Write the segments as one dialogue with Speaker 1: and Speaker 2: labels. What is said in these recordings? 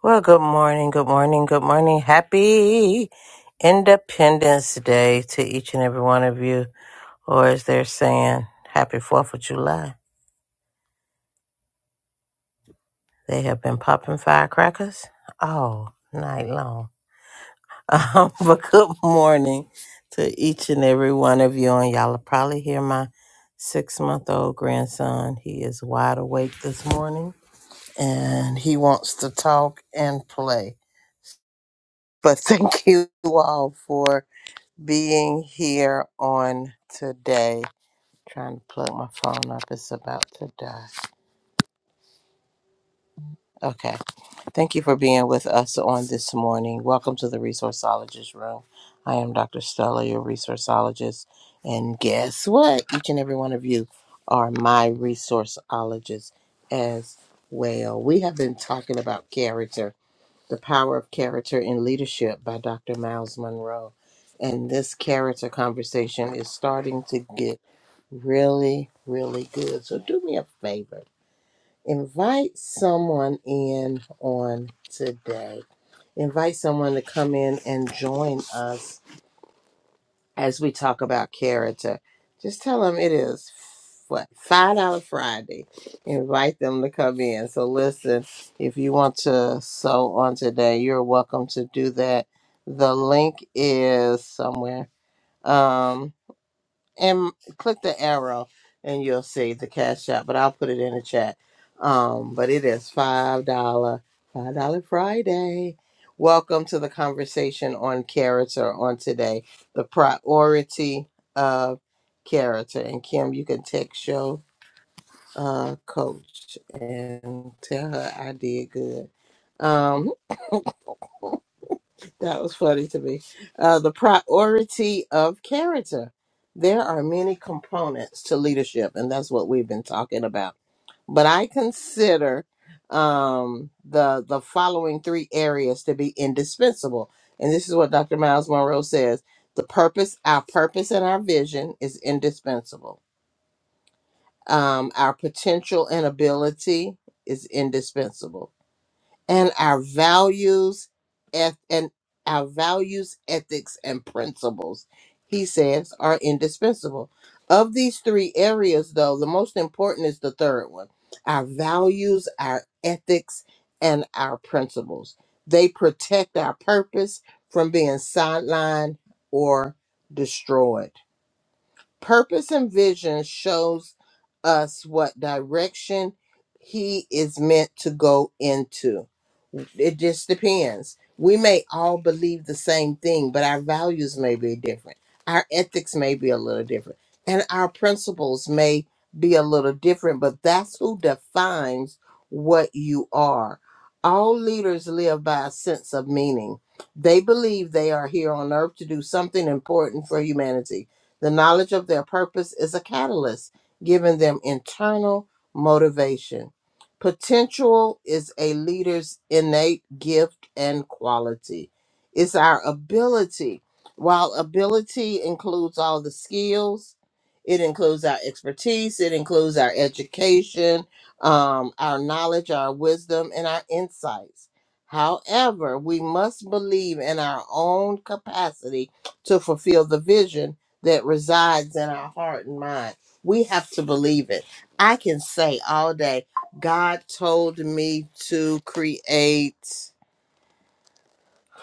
Speaker 1: Well, good morning, good morning, good morning. Happy Independence Day to each and every one of you. Or as they're saying, happy 4th of July. They have been popping firecrackers all night long. Um, but good morning to each and every one of you. And y'all will probably hear my six month old grandson. He is wide awake this morning and he wants to talk and play. But thank you all for being here on today. Trying to plug my phone up, it's about to die. Okay. Thank you for being with us on this morning. Welcome to the Resourceologist Room. I am Dr. Stella, your resourceologist. And guess what? Each and every one of you are my resourceologists as well. We have been talking about character The Power of Character in Leadership by Dr. Miles Monroe. And this character conversation is starting to get really, really good. So do me a favor. Invite someone in on today. Invite someone to come in and join us as we talk about character, just tell them it is what five dollar Friday. Invite them to come in. So listen, if you want to sew on today, you're welcome to do that. The link is somewhere. Um, and click the arrow and you'll see the cash app but i'll put it in the chat um but it is five dollar five dollar friday welcome to the conversation on character on today the priority of character and kim you can text your uh coach and tell her i did good um that was funny to me. Uh, the priority of character. There are many components to leadership, and that's what we've been talking about. But I consider um, the the following three areas to be indispensable, and this is what Dr. Miles Monroe says: the purpose, our purpose, and our vision is indispensable. Um, our potential and ability is indispensable and our values eth- and our values ethics and principles he says are indispensable of these three areas though the most important is the third one our values our ethics and our principles they protect our purpose from being sidelined or destroyed Purpose and vision shows us what direction he is meant to go into. It just depends. We may all believe the same thing, but our values may be different. Our ethics may be a little different. And our principles may be a little different, but that's who defines what you are. All leaders live by a sense of meaning. They believe they are here on earth to do something important for humanity the knowledge of their purpose is a catalyst, giving them internal motivation. Potential is a leader's innate gift and quality. It's our ability. While ability includes all the skills, it includes our expertise, it includes our education, um, our knowledge, our wisdom, and our insights. However, we must believe in our own capacity to fulfill the vision that resides in our heart and mind. We have to believe it. I can say all day, God told me to create,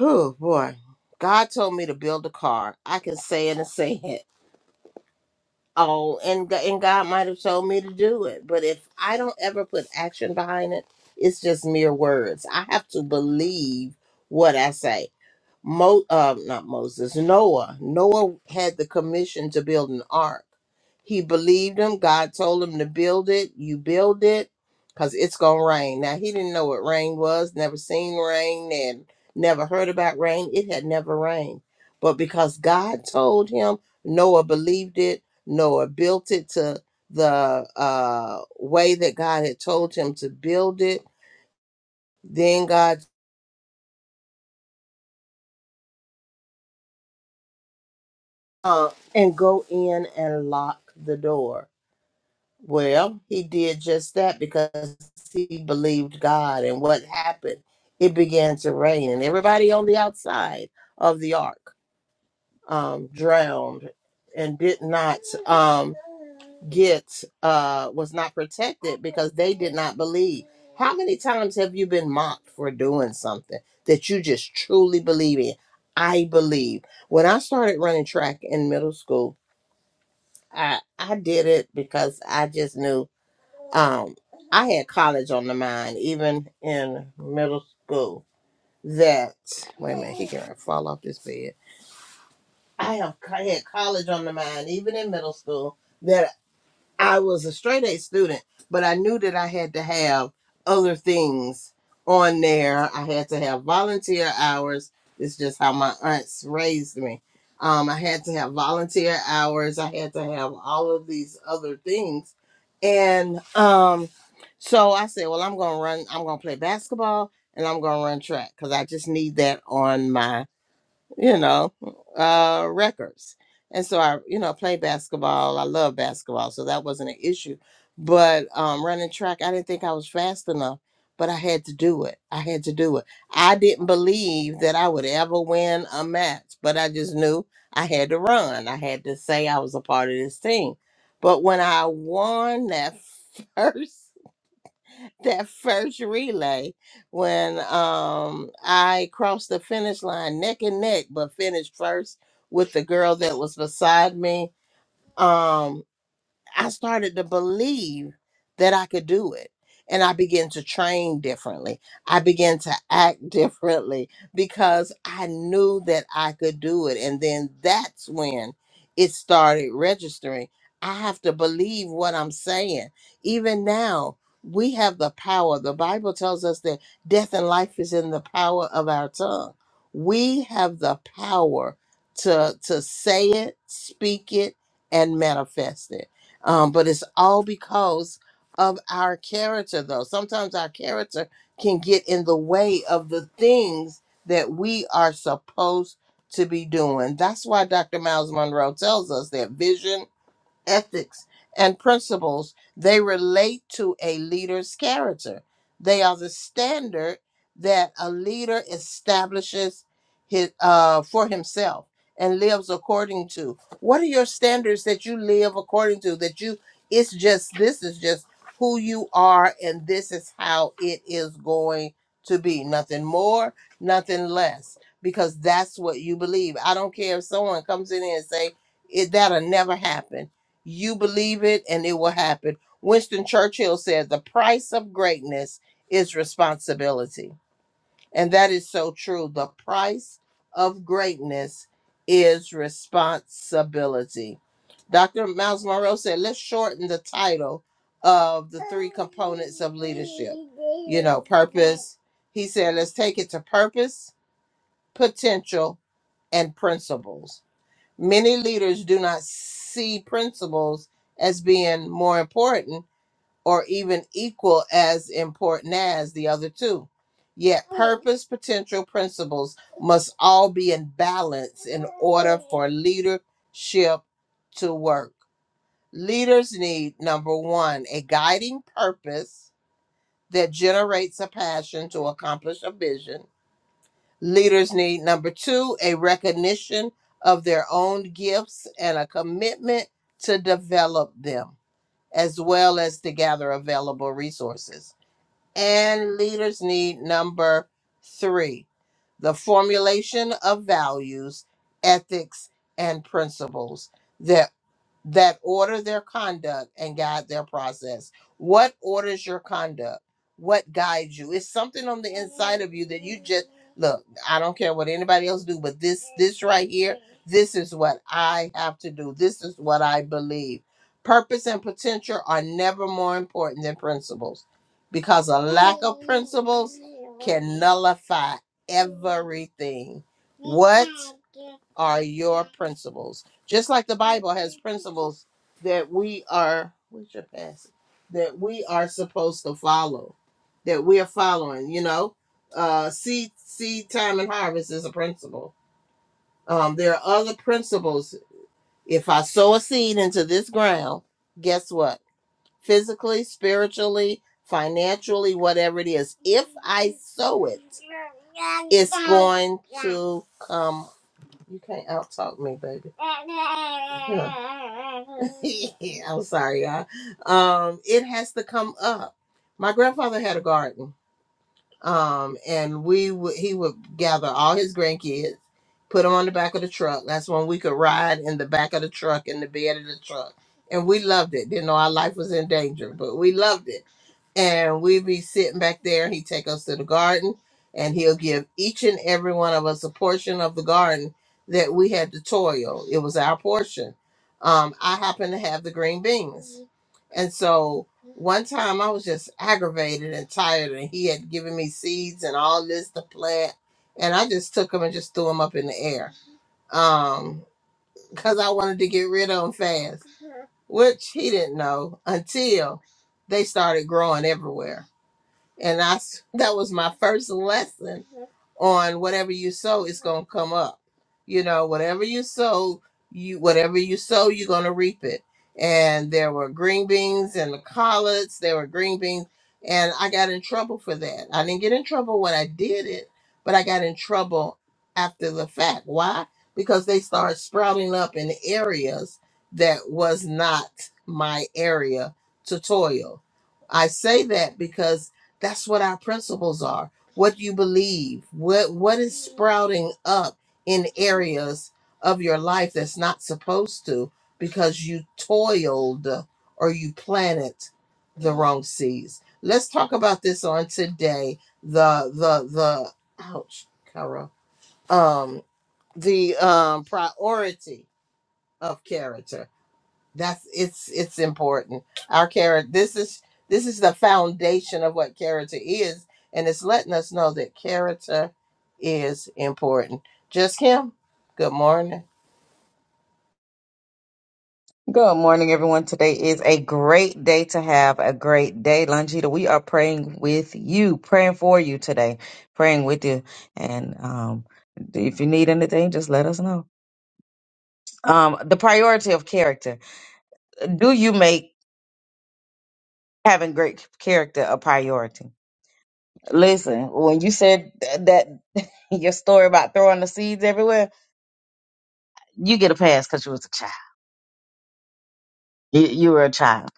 Speaker 1: oh boy, God told me to build a car. I can say it and say it. Oh, and, G- and God might have told me to do it. But if I don't ever put action behind it, it's just mere words. I have to believe what I say. Mo, uh, not Moses, Noah. Noah had the commission to build an ark. He believed him. God told him to build it. You build it because it's going to rain. Now, he didn't know what rain was, never seen rain and never heard about rain. It had never rained. But because God told him, Noah believed it. Noah built it to the uh, way that God had told him to build it. Then God uh, and go in and lock the door Well, he did just that because he believed God. And what happened? It began to rain, and everybody on the outside of the ark um, drowned and did not um, get, uh, was not protected because they did not believe. How many times have you been mocked for doing something that you just truly believe in? I believe. When I started running track in middle school, I, I did it because I just knew um, I had college on the mind, even in middle school. That wait a minute, he can fall off this bed. I have I had college on the mind, even in middle school. that. I was a straight A student, but I knew that I had to have other things on there. I had to have volunteer hours. It's just how my aunts raised me. Um, I had to have volunteer hours. I had to have all of these other things. And um, so I said, well, I'm going to run, I'm going to play basketball and I'm going to run track because I just need that on my you know, uh, records. And so I, you know, play basketball. I love basketball, so that wasn't an issue. But um, running track, I didn't think I was fast enough, but I had to do it. I had to do it. I didn't believe that I would ever win a match, but I just knew I had to run. I had to say I was a part of this team. But when I won that first that first relay when um I crossed the finish line neck and neck, but finished first with the girl that was beside me. Um I started to believe that I could do it. And I began to train differently. I began to act differently because I knew that I could do it. And then that's when it started registering. I have to believe what I'm saying. Even now, we have the power. The Bible tells us that death and life is in the power of our tongue. We have the power to, to say it, speak it, and manifest it um, but it's all because of our character, though. Sometimes our character can get in the way of the things that we are supposed to be doing. That's why Dr. Miles Monroe tells us that vision ethics, and principles, they relate to a leader's character. They are the standard that a leader establishes his, uh, for himself and lives according to. What are your standards that you live according to? That you, it's just, this is just who you are, and this is how it is going to be. Nothing more, nothing less, because that's what you believe. I don't care if someone comes in and say, it, that'll never happen you believe it and it will happen. Winston Churchill said, The price of greatness is responsibility. And that is so true. The price of greatness is responsibility. Dr. Miles Monroe said, Let's shorten the title of the three components of leadership. You know, purpose. He said, Let's take it to purpose, potential, and principles Many leaders do not see principles as being more important or even equal as important as the other two. Yet, purpose, potential, principles must all be in balance in order for leadership to work. Leaders need number one, a guiding purpose that generates a passion to accomplish a vision. Leaders need number two, a recognition of their own gifts and a commitment to develop them, as well as to gather available resources. And leaders need number three, the formulation of values, ethics, and principles that that order their conduct and guide their process. What orders your conduct? What guides you? It's something on the inside of you that you just look, I don't care what anybody else do, but this this right here, this is what I have to do. This is what I believe. Purpose and potential are never more important than principles because a lack of principles can nullify everything. What are your principles? Just like the Bible has principles that we are where's your pass? That we are supposed to follow. That we are following, you know. Uh seed seed time and harvest is a principle. Um there are other principles. If I sow a seed into this ground, guess what? Physically, spiritually, financially, whatever it is, if I sow it, it's going to come you can't out talk me, baby. Yeah. I'm sorry, y'all. Um, it has to come up. My grandfather had a garden um, and we would he would gather all his grandkids, put them on the back of the truck. That's when we could ride in the back of the truck in the bed of the truck, and we loved it. Didn't know our life was in danger, but we loved it. And we'd be sitting back there. He'd take us to the garden, and he'll give each and every one of us a portion of the garden that we had to toil. It was our portion. Um, I happened to have the green beans, and so one time I was just aggravated and tired, and he had given me seeds and all this to plant, and I just took them and just threw them up in the air, um, because I wanted to get rid of them fast, which he didn't know until they started growing everywhere. And I s- that was my first lesson on whatever you sow is going to come up. You know, whatever you sow, you whatever you sow, you're going to reap it. And there were green beans and the collards, there were green beans, and I got in trouble for that. I didn't get in trouble when I did it, but I got in trouble after the fact. Why? Because they started sprouting up in areas that was not my area to toil. I say that because that's what our principles are what you believe what what is sprouting up in areas of your life that's not supposed to because you toiled or you planted the wrong seeds let's talk about this on today the the the ouch Kara. um the um priority of character that's it's it's important. Our character this is this is the foundation of what character is, and it's letting us know that character is important. Just Kim, good morning.
Speaker 2: Good morning, everyone. Today is a great day to have a great day. Longita, we are praying with you, praying for you today, praying with you. And um, if you need anything, just let us know. Um, the priority of character. Do you make having great character a priority? Listen, when you said th- that your story about throwing the seeds everywhere, you get a pass because you was a child. You, you were a child.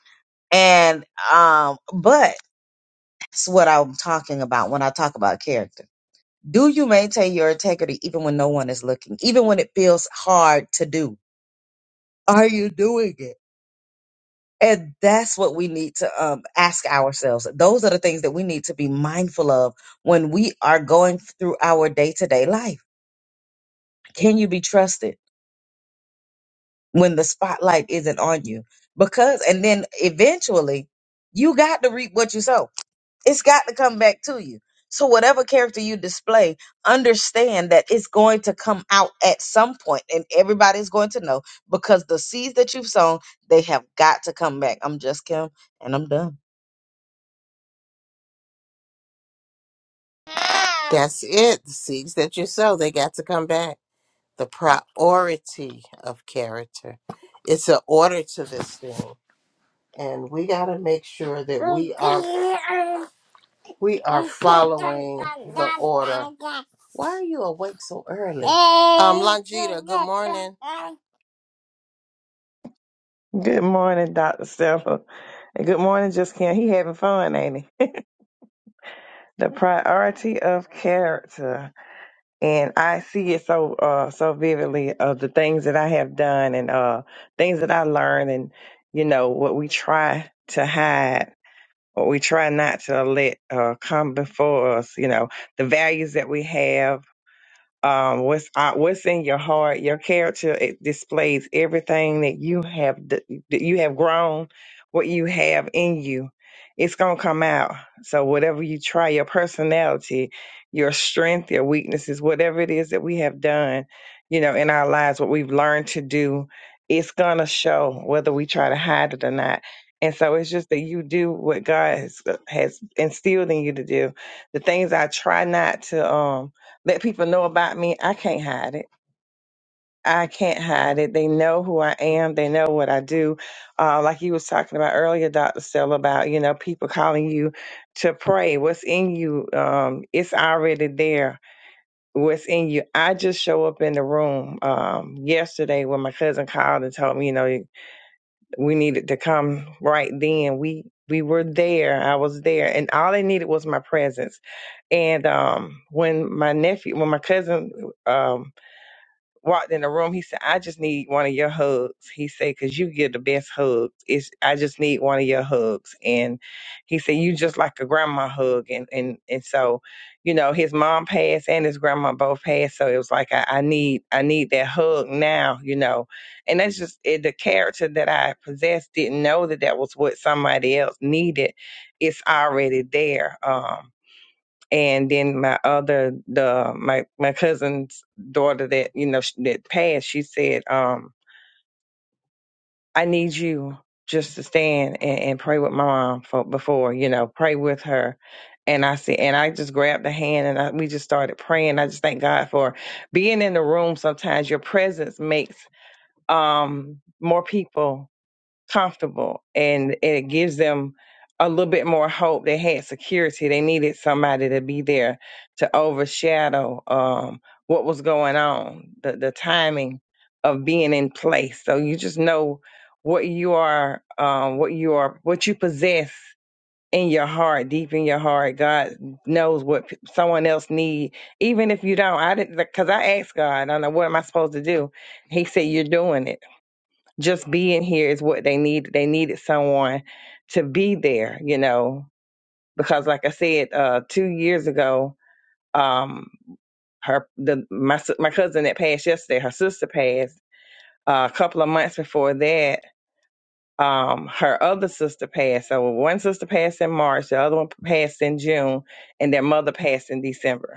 Speaker 2: And um, but that's what I'm talking about when I talk about character Do you maintain your integrity even when no one is looking, even when it feels hard to do? Are you doing it? And that's what we need to um, ask ourselves. Those are the things that we need to be mindful of when we are going through our day to day life. Can you be trusted when the spotlight isn't on you? Because, and then eventually, you got to reap what you sow It's got to come back to you. So whatever character you display, understand that it's going to come out at some point and everybody's going to know because the seeds that you've sown, they have got to come back. I'm just Kim and I'm done.
Speaker 1: That's it. The seeds that you sow, they got to come back. The priority of character. It's an order to this thing. And we gotta make sure that we are We are following the order. Why are you awake so early? Um, Longita, good morning.
Speaker 3: Good morning, Dr. Stella. And good morning, Just Kim. He having fun, ain't he? the priority of character. And I see it so uh so vividly of the things that I have done and uh things that I learned and you know what we try to hide, what we try not to let uh come before us, you know, the values that we have um, what's uh, what's in your heart. Your character it displays everything that you have d- that you have grown, what you have in you. It's gonna come out. So whatever you try, your personality, your strength, your weaknesses, whatever it is that we have done, you know, in our lives, what we've learned to do, it's gonna show whether we try to hide it or not. And so it's just that you do what God has, uh, has instilled in you to do. The things I try not to um let people know about me. I can't hide it. I can't hide it. They know who I am. They know what I do. Uh, like you was talking about earlier, Dr. Sell, about, you know, people calling you to pray. What's in you? Um, it's already there. What's in you? I just show up in the room um, yesterday when my cousin called and told me, you know, we needed to come right then. We we were there. I was there, and all they needed was my presence. And um, when my nephew, when my cousin um walked in the room. He said, I just need one of your hugs. He said, because you give the best hugs. It's, I just need one of your hugs. And he said, you just like a grandma hug. And, and, and so, you know, his mom passed and his grandma both passed. So it was like, I, I need, I need that hug now, you know, and that's just it, the character that I possessed didn't know that that was what somebody else needed. It's already there. Um, and then my other the my my cousin's daughter that you know sh- that passed she said um i need you just to stand and, and pray with my mom for before you know pray with her and i said and i just grabbed the hand and I, we just started praying i just thank god for being in the room sometimes your presence makes um more people comfortable and it gives them a little bit more hope. They had security. They needed somebody to be there to overshadow um, what was going on, the, the timing of being in place. So you just know what you are, um, what you are, what you possess in your heart, deep in your heart. God knows what p- someone else need, even if you don't. I didn't, because I asked God, I don't know what am I supposed to do. He said, "You're doing it." just being here is what they need. They needed someone to be there, you know, because like I said, uh, two years ago, um, her the my s- my cousin that passed yesterday, her sister passed. Uh, a couple of months before that, um, her other sister passed. So one sister passed in March, the other one passed in June, and their mother passed in December.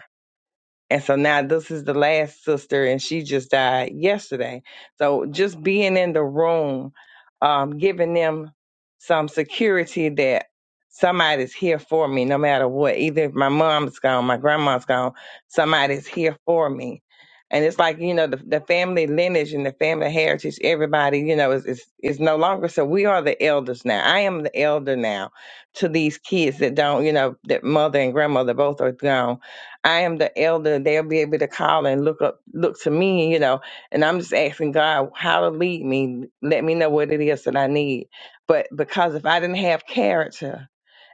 Speaker 3: And so now this is the last sister, and she just died yesterday. So just being in the room, um, giving them some security that somebody's here for me, no matter what. Either if my mom's gone, my grandma's gone, somebody's here for me. And it's like you know the, the family lineage and the family heritage. Everybody you know is, is is no longer. So we are the elders now. I am the elder now to these kids that don't you know that mother and grandmother both are gone I am the elder. They'll be able to call and look up, look to me, you know. And I'm just asking God how to lead me. Let me know what it is that I need. But because if I didn't have character,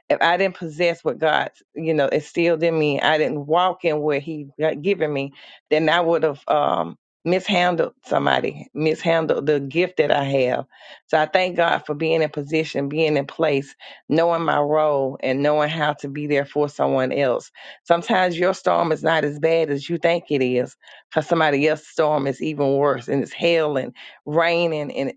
Speaker 3: if I didn't possess what God, you know, instilled in me, I didn't walk in what He got given me, then I would have um, mishandled somebody, mishandled the gift that I have. So I thank God for being in position, being in place, knowing my role, and knowing how to be there for someone else. Sometimes your storm is not as bad as you think it is, because somebody else's storm is even worse, and it's hell and raining, and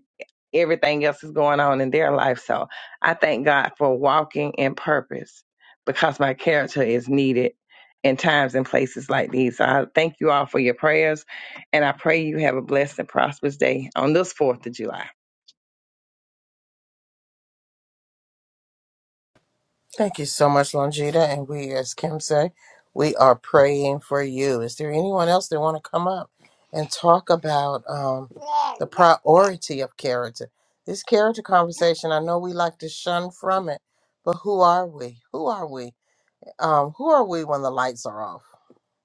Speaker 3: everything else is going on in their life. So I thank God for walking in purpose because my character is needed in times and places like these. So I thank you all for your prayers and I pray you have a blessed and prosperous day on this 4th of July.
Speaker 1: Thank you so much, Longita. And we, as Kim say, we are praying for you. Is there anyone else that want to come up and talk about um, the priority of character? This character conversation, I know we like to shun from it, but who are we? Who are we? Um, who are we when the lights are off?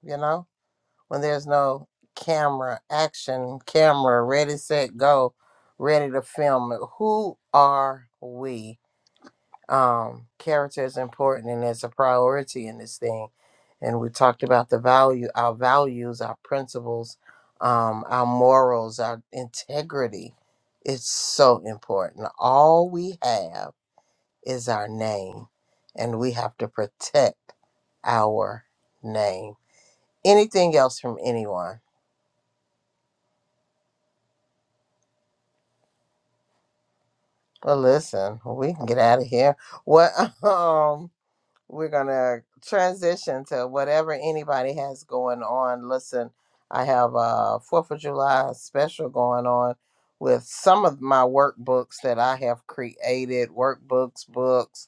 Speaker 1: You know? when there's no camera action camera ready set go ready to film it who are we um character is important and it's a priority in this thing and we talked about the value our values our principles um our morals our integrity it's so important all we have is our name and we have to protect our name anything else from anyone Well, listen, we can get out of here. What? Um, we're gonna transition to whatever anybody has going on. Listen, I have a Fourth of July special going on with some of my workbooks that I have created, workbooks, books.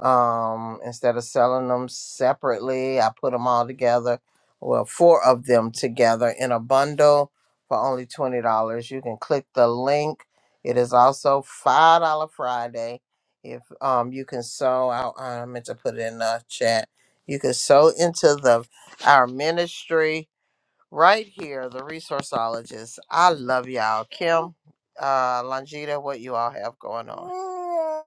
Speaker 1: Um, instead of selling them separately, I put them all together. Well, four of them together in a bundle for only twenty dollars. You can click the link. It is also five dollar Friday if um you can sow out uh, I meant to put it in the chat. You can sow into the our ministry right here, the resourceologist. I love y'all. Kim, uh Longita, what you all have going on.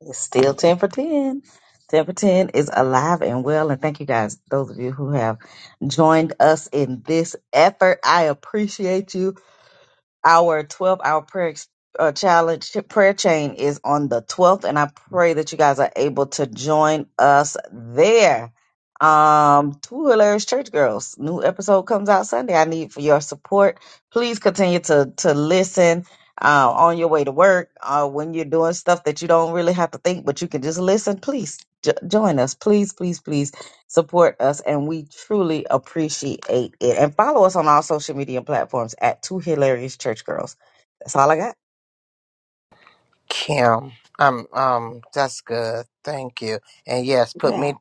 Speaker 2: It's still 10 for 10. 10 for 10 is alive and well. And thank you guys, those of you who have joined us in this effort. I appreciate you. Our 12 hour prayer ex- uh, challenge prayer chain is on the 12th, and I pray that you guys are able to join us there. Um, Two Hilarious Church Girls, new episode comes out Sunday. I need for your support. Please continue to to listen uh, on your way to work, uh, when you're doing stuff that you don't really have to think, but you can just listen. Please jo- join us. Please, please, please support us, and we truly appreciate it. And follow us on all social media platforms at Two Hilarious Church Girls. That's all I got.
Speaker 1: Kim. Um um that's good. Thank you. And yes, put me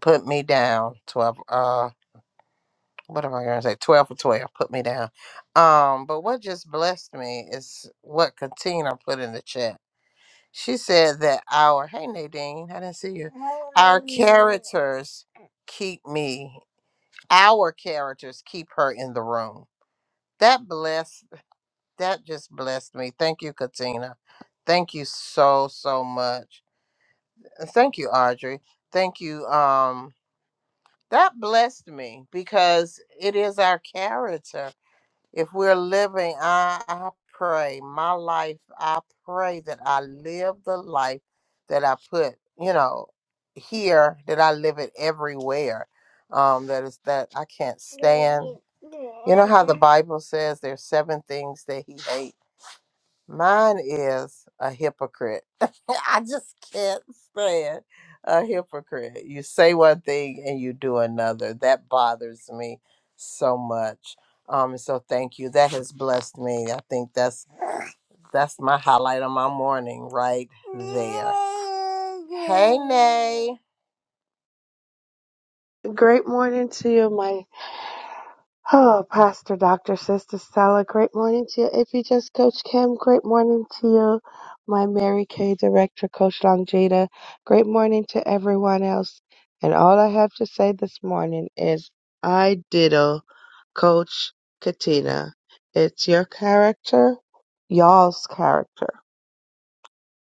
Speaker 1: put me down. Twelve uh what am I gonna say? Twelve for twelve. Put me down. Um, but what just blessed me is what Katina put in the chat She said that our hey Nadine, I didn't see you. Our characters keep me. Our characters keep her in the room. That blessed. That just blessed me. Thank you, Katina. Thank you so so much. And Thank you, Audrey. Thank you. Um, that blessed me because it is our character If we're living, I, I pray my life, I pray that I live the life that I put, you know, here, that I live it everywhere. Um, that is that I can't stand. You know how the Bible says there's seven things that he hates Mine is a hypocrite. I just can't stand a hypocrite. You say one thing and you do another. That bothers me so much. Um, so thank you. That has blessed me. I think that's that's my highlight of my morning right there. Hey Nay.
Speaker 4: Great morning to you, my oh, Pastor, Dr. Sister Stella. Great morning to you, if you just Coach Kim. Great morning to you, my Mary Kay Director, Coach Long Jada. Great morning to everyone else. And all I have to say this morning is I diddle Coach Katina. It's your character, y'all's character.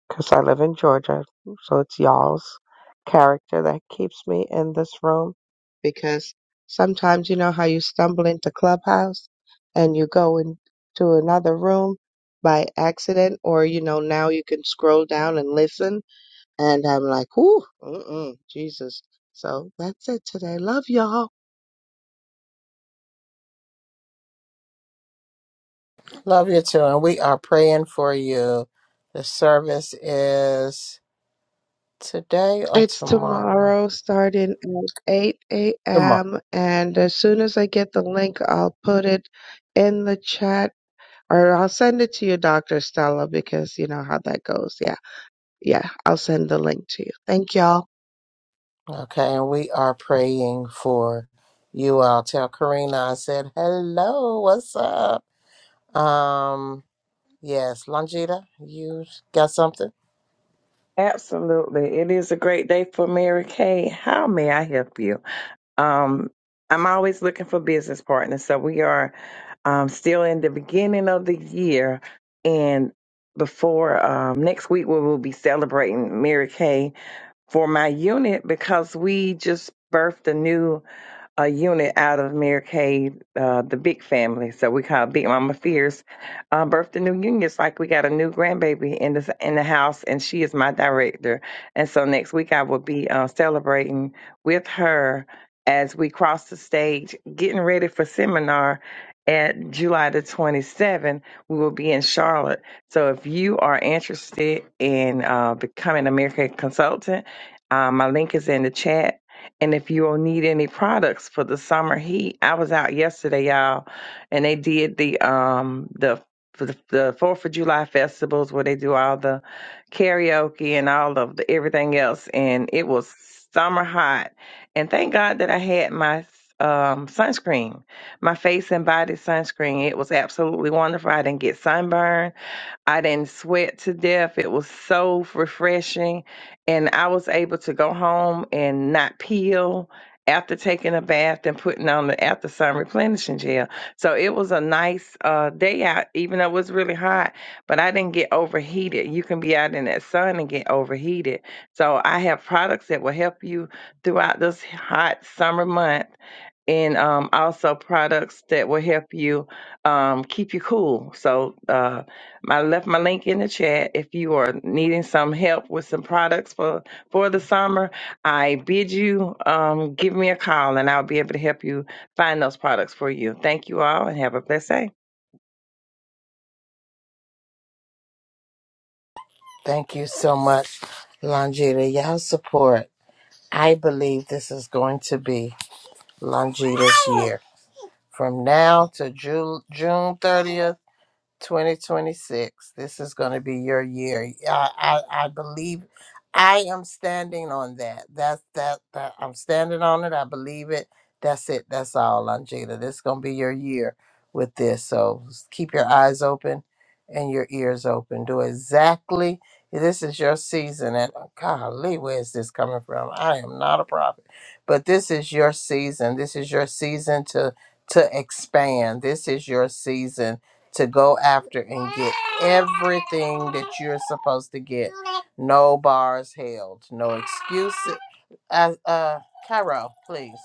Speaker 4: 'Cause I live in Georgia, so it's y'all's character that keeps me in this room. Because sometimes you know how you stumble into Clubhouse and you go into another room by accident, or you know, now you can scroll down and listen. And I'm like, ooh, mm-mm, Jesus. So that's it today. Love y'all.
Speaker 1: Love you too. And we are praying for you. The service is today or
Speaker 4: It's
Speaker 1: tomorrow.
Speaker 4: tomorrow starting at 8
Speaker 1: Tomorrow.
Speaker 4: a.m. And as soon as I get the link, I'll put it in the chat Or I'll send it to you, Dr. Stella, because you know how that goes. Yeah. Yeah. I'll send the link to you. Thank y'all.
Speaker 1: Okay, and we are praying for you all. Tell Karina I said hello. What's up? Um, yes, Longita, you got something?
Speaker 3: Absolutely. It is a great day for Mary Kay. How may I help you? Um, I'm always looking for business partners. So we are um, still in the beginning of the year. And before um, next week, we will be celebrating Mary Kay for my unit because we just birthed a new a unit out of Mary Kay, uh, the big family. So we call it Big Mama Fierce. Uh, birthed a new union. It's like we got a new grandbaby in the in the house, and she is my director. And so next week I will be uh, celebrating with her as we cross the stage, getting ready for seminar. At July the 27th, we will be in Charlotte. So if you are interested in uh, becoming a Mary Kay consultant, uh, my link is in the chat and if you all need any products for the summer heat, I was out yesterday, y'all, and they did the um the for the the Fourth of July festivals where they do all the karaoke and all of the everything else, and it was summer hot. And thank God that I had my um sunscreen, my face and body sunscreen. It was absolutely wonderful. I didn't get sunburned. I didn't sweat to death. It was so refreshing. And I was able to go home and not peel after taking a bath and putting on the after sun replenishing gel. So it was a nice uh, day out, even though it was really hot, but I didn't get overheated. You can be out in that sun and get overheated. So I have products that will help you throughout this hot summer month and um, also products that will help you um, keep you cool. So uh, I left my link in the chat. If you are needing some help with some products for for the summer, I bid you um, give me a call, and I'll be able to help you find those products for you. Thank you all, and have a blessed day.
Speaker 1: Thank you so much, Longita. Y'all support. I believe this is going to be Longita's year. From now to Ju- June 30th. 2026. This is going to be your year. I, I I believe I am standing on that. That's that that I'm standing on it. I believe it. That's it. That's all, Angela. This is going to be your year with this. So s- keep your eyes open and your ears open. Do exactly. This is your season. And golly, where is this coming from? I am not a prophet, but this is your season. This is your season to to expand. This is your season to go after and get everything that you're supposed to get. No bars held, no excuses. As uh, Cairo, please,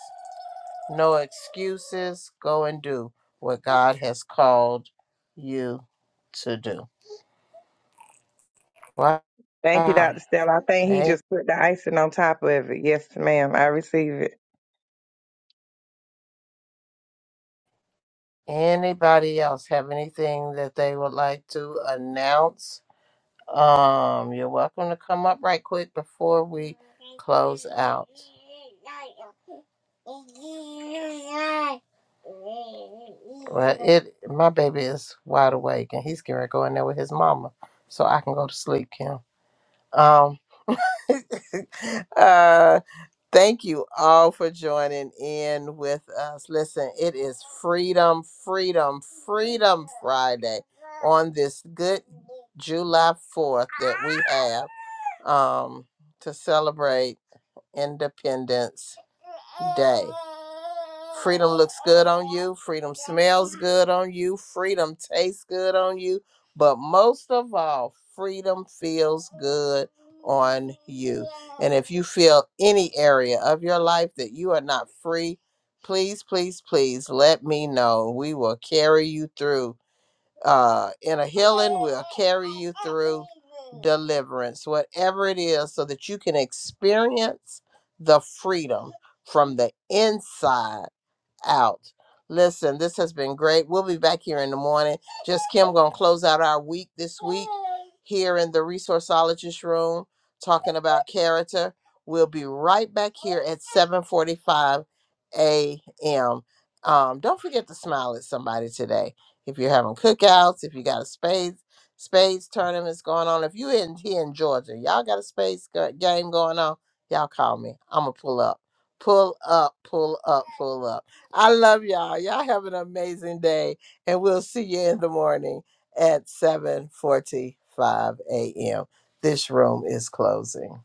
Speaker 1: no excuses. Go and do what God has called you to do. Wow.
Speaker 3: Thank you, Dr.
Speaker 1: A-
Speaker 3: Stella. I think he just put the icing on top of it. Yes, ma'am. I receive it.
Speaker 1: Anybody else have anything that they would like to announce? Um, you're welcome to come up right quick before we close out. Well, it my baby is wide awake and he's going to go in there with his mama, so I can go to sleep, Kim. Um, uh, thank you all for joining in with us. Listen, it is Freedom, Freedom, Freedom Friday on this good July Fourth that we have um to celebrate. Independence Day. Freedom looks good on you. Freedom smells good on you. Freedom tastes good on you. But most of all, freedom feels good on you. And if you feel any area of your life that you are not free, please, please, please let me know. We will carry you through uh, in a healing will carry you through deliverance, whatever it is, so that you can experience the freedom from the inside out. Listen, this has been great. We'll be back here in the morning. Just Kim gonna close out our week this week here in the resourceologist room, talking about character. We'll be right back here at 7:45 a.m. Um, don't forget to smile at somebody today. If you're having cookouts, if you got a spades spades tournaments going on, if you in here in Georgia, y'all got a spades go- game going on, y'all call me. I'ma pull up pull up, pull up, pull up. I love y'all. Y'all have an amazing day, and we'll see you in the morning at 7:45 a.m. This room is closing.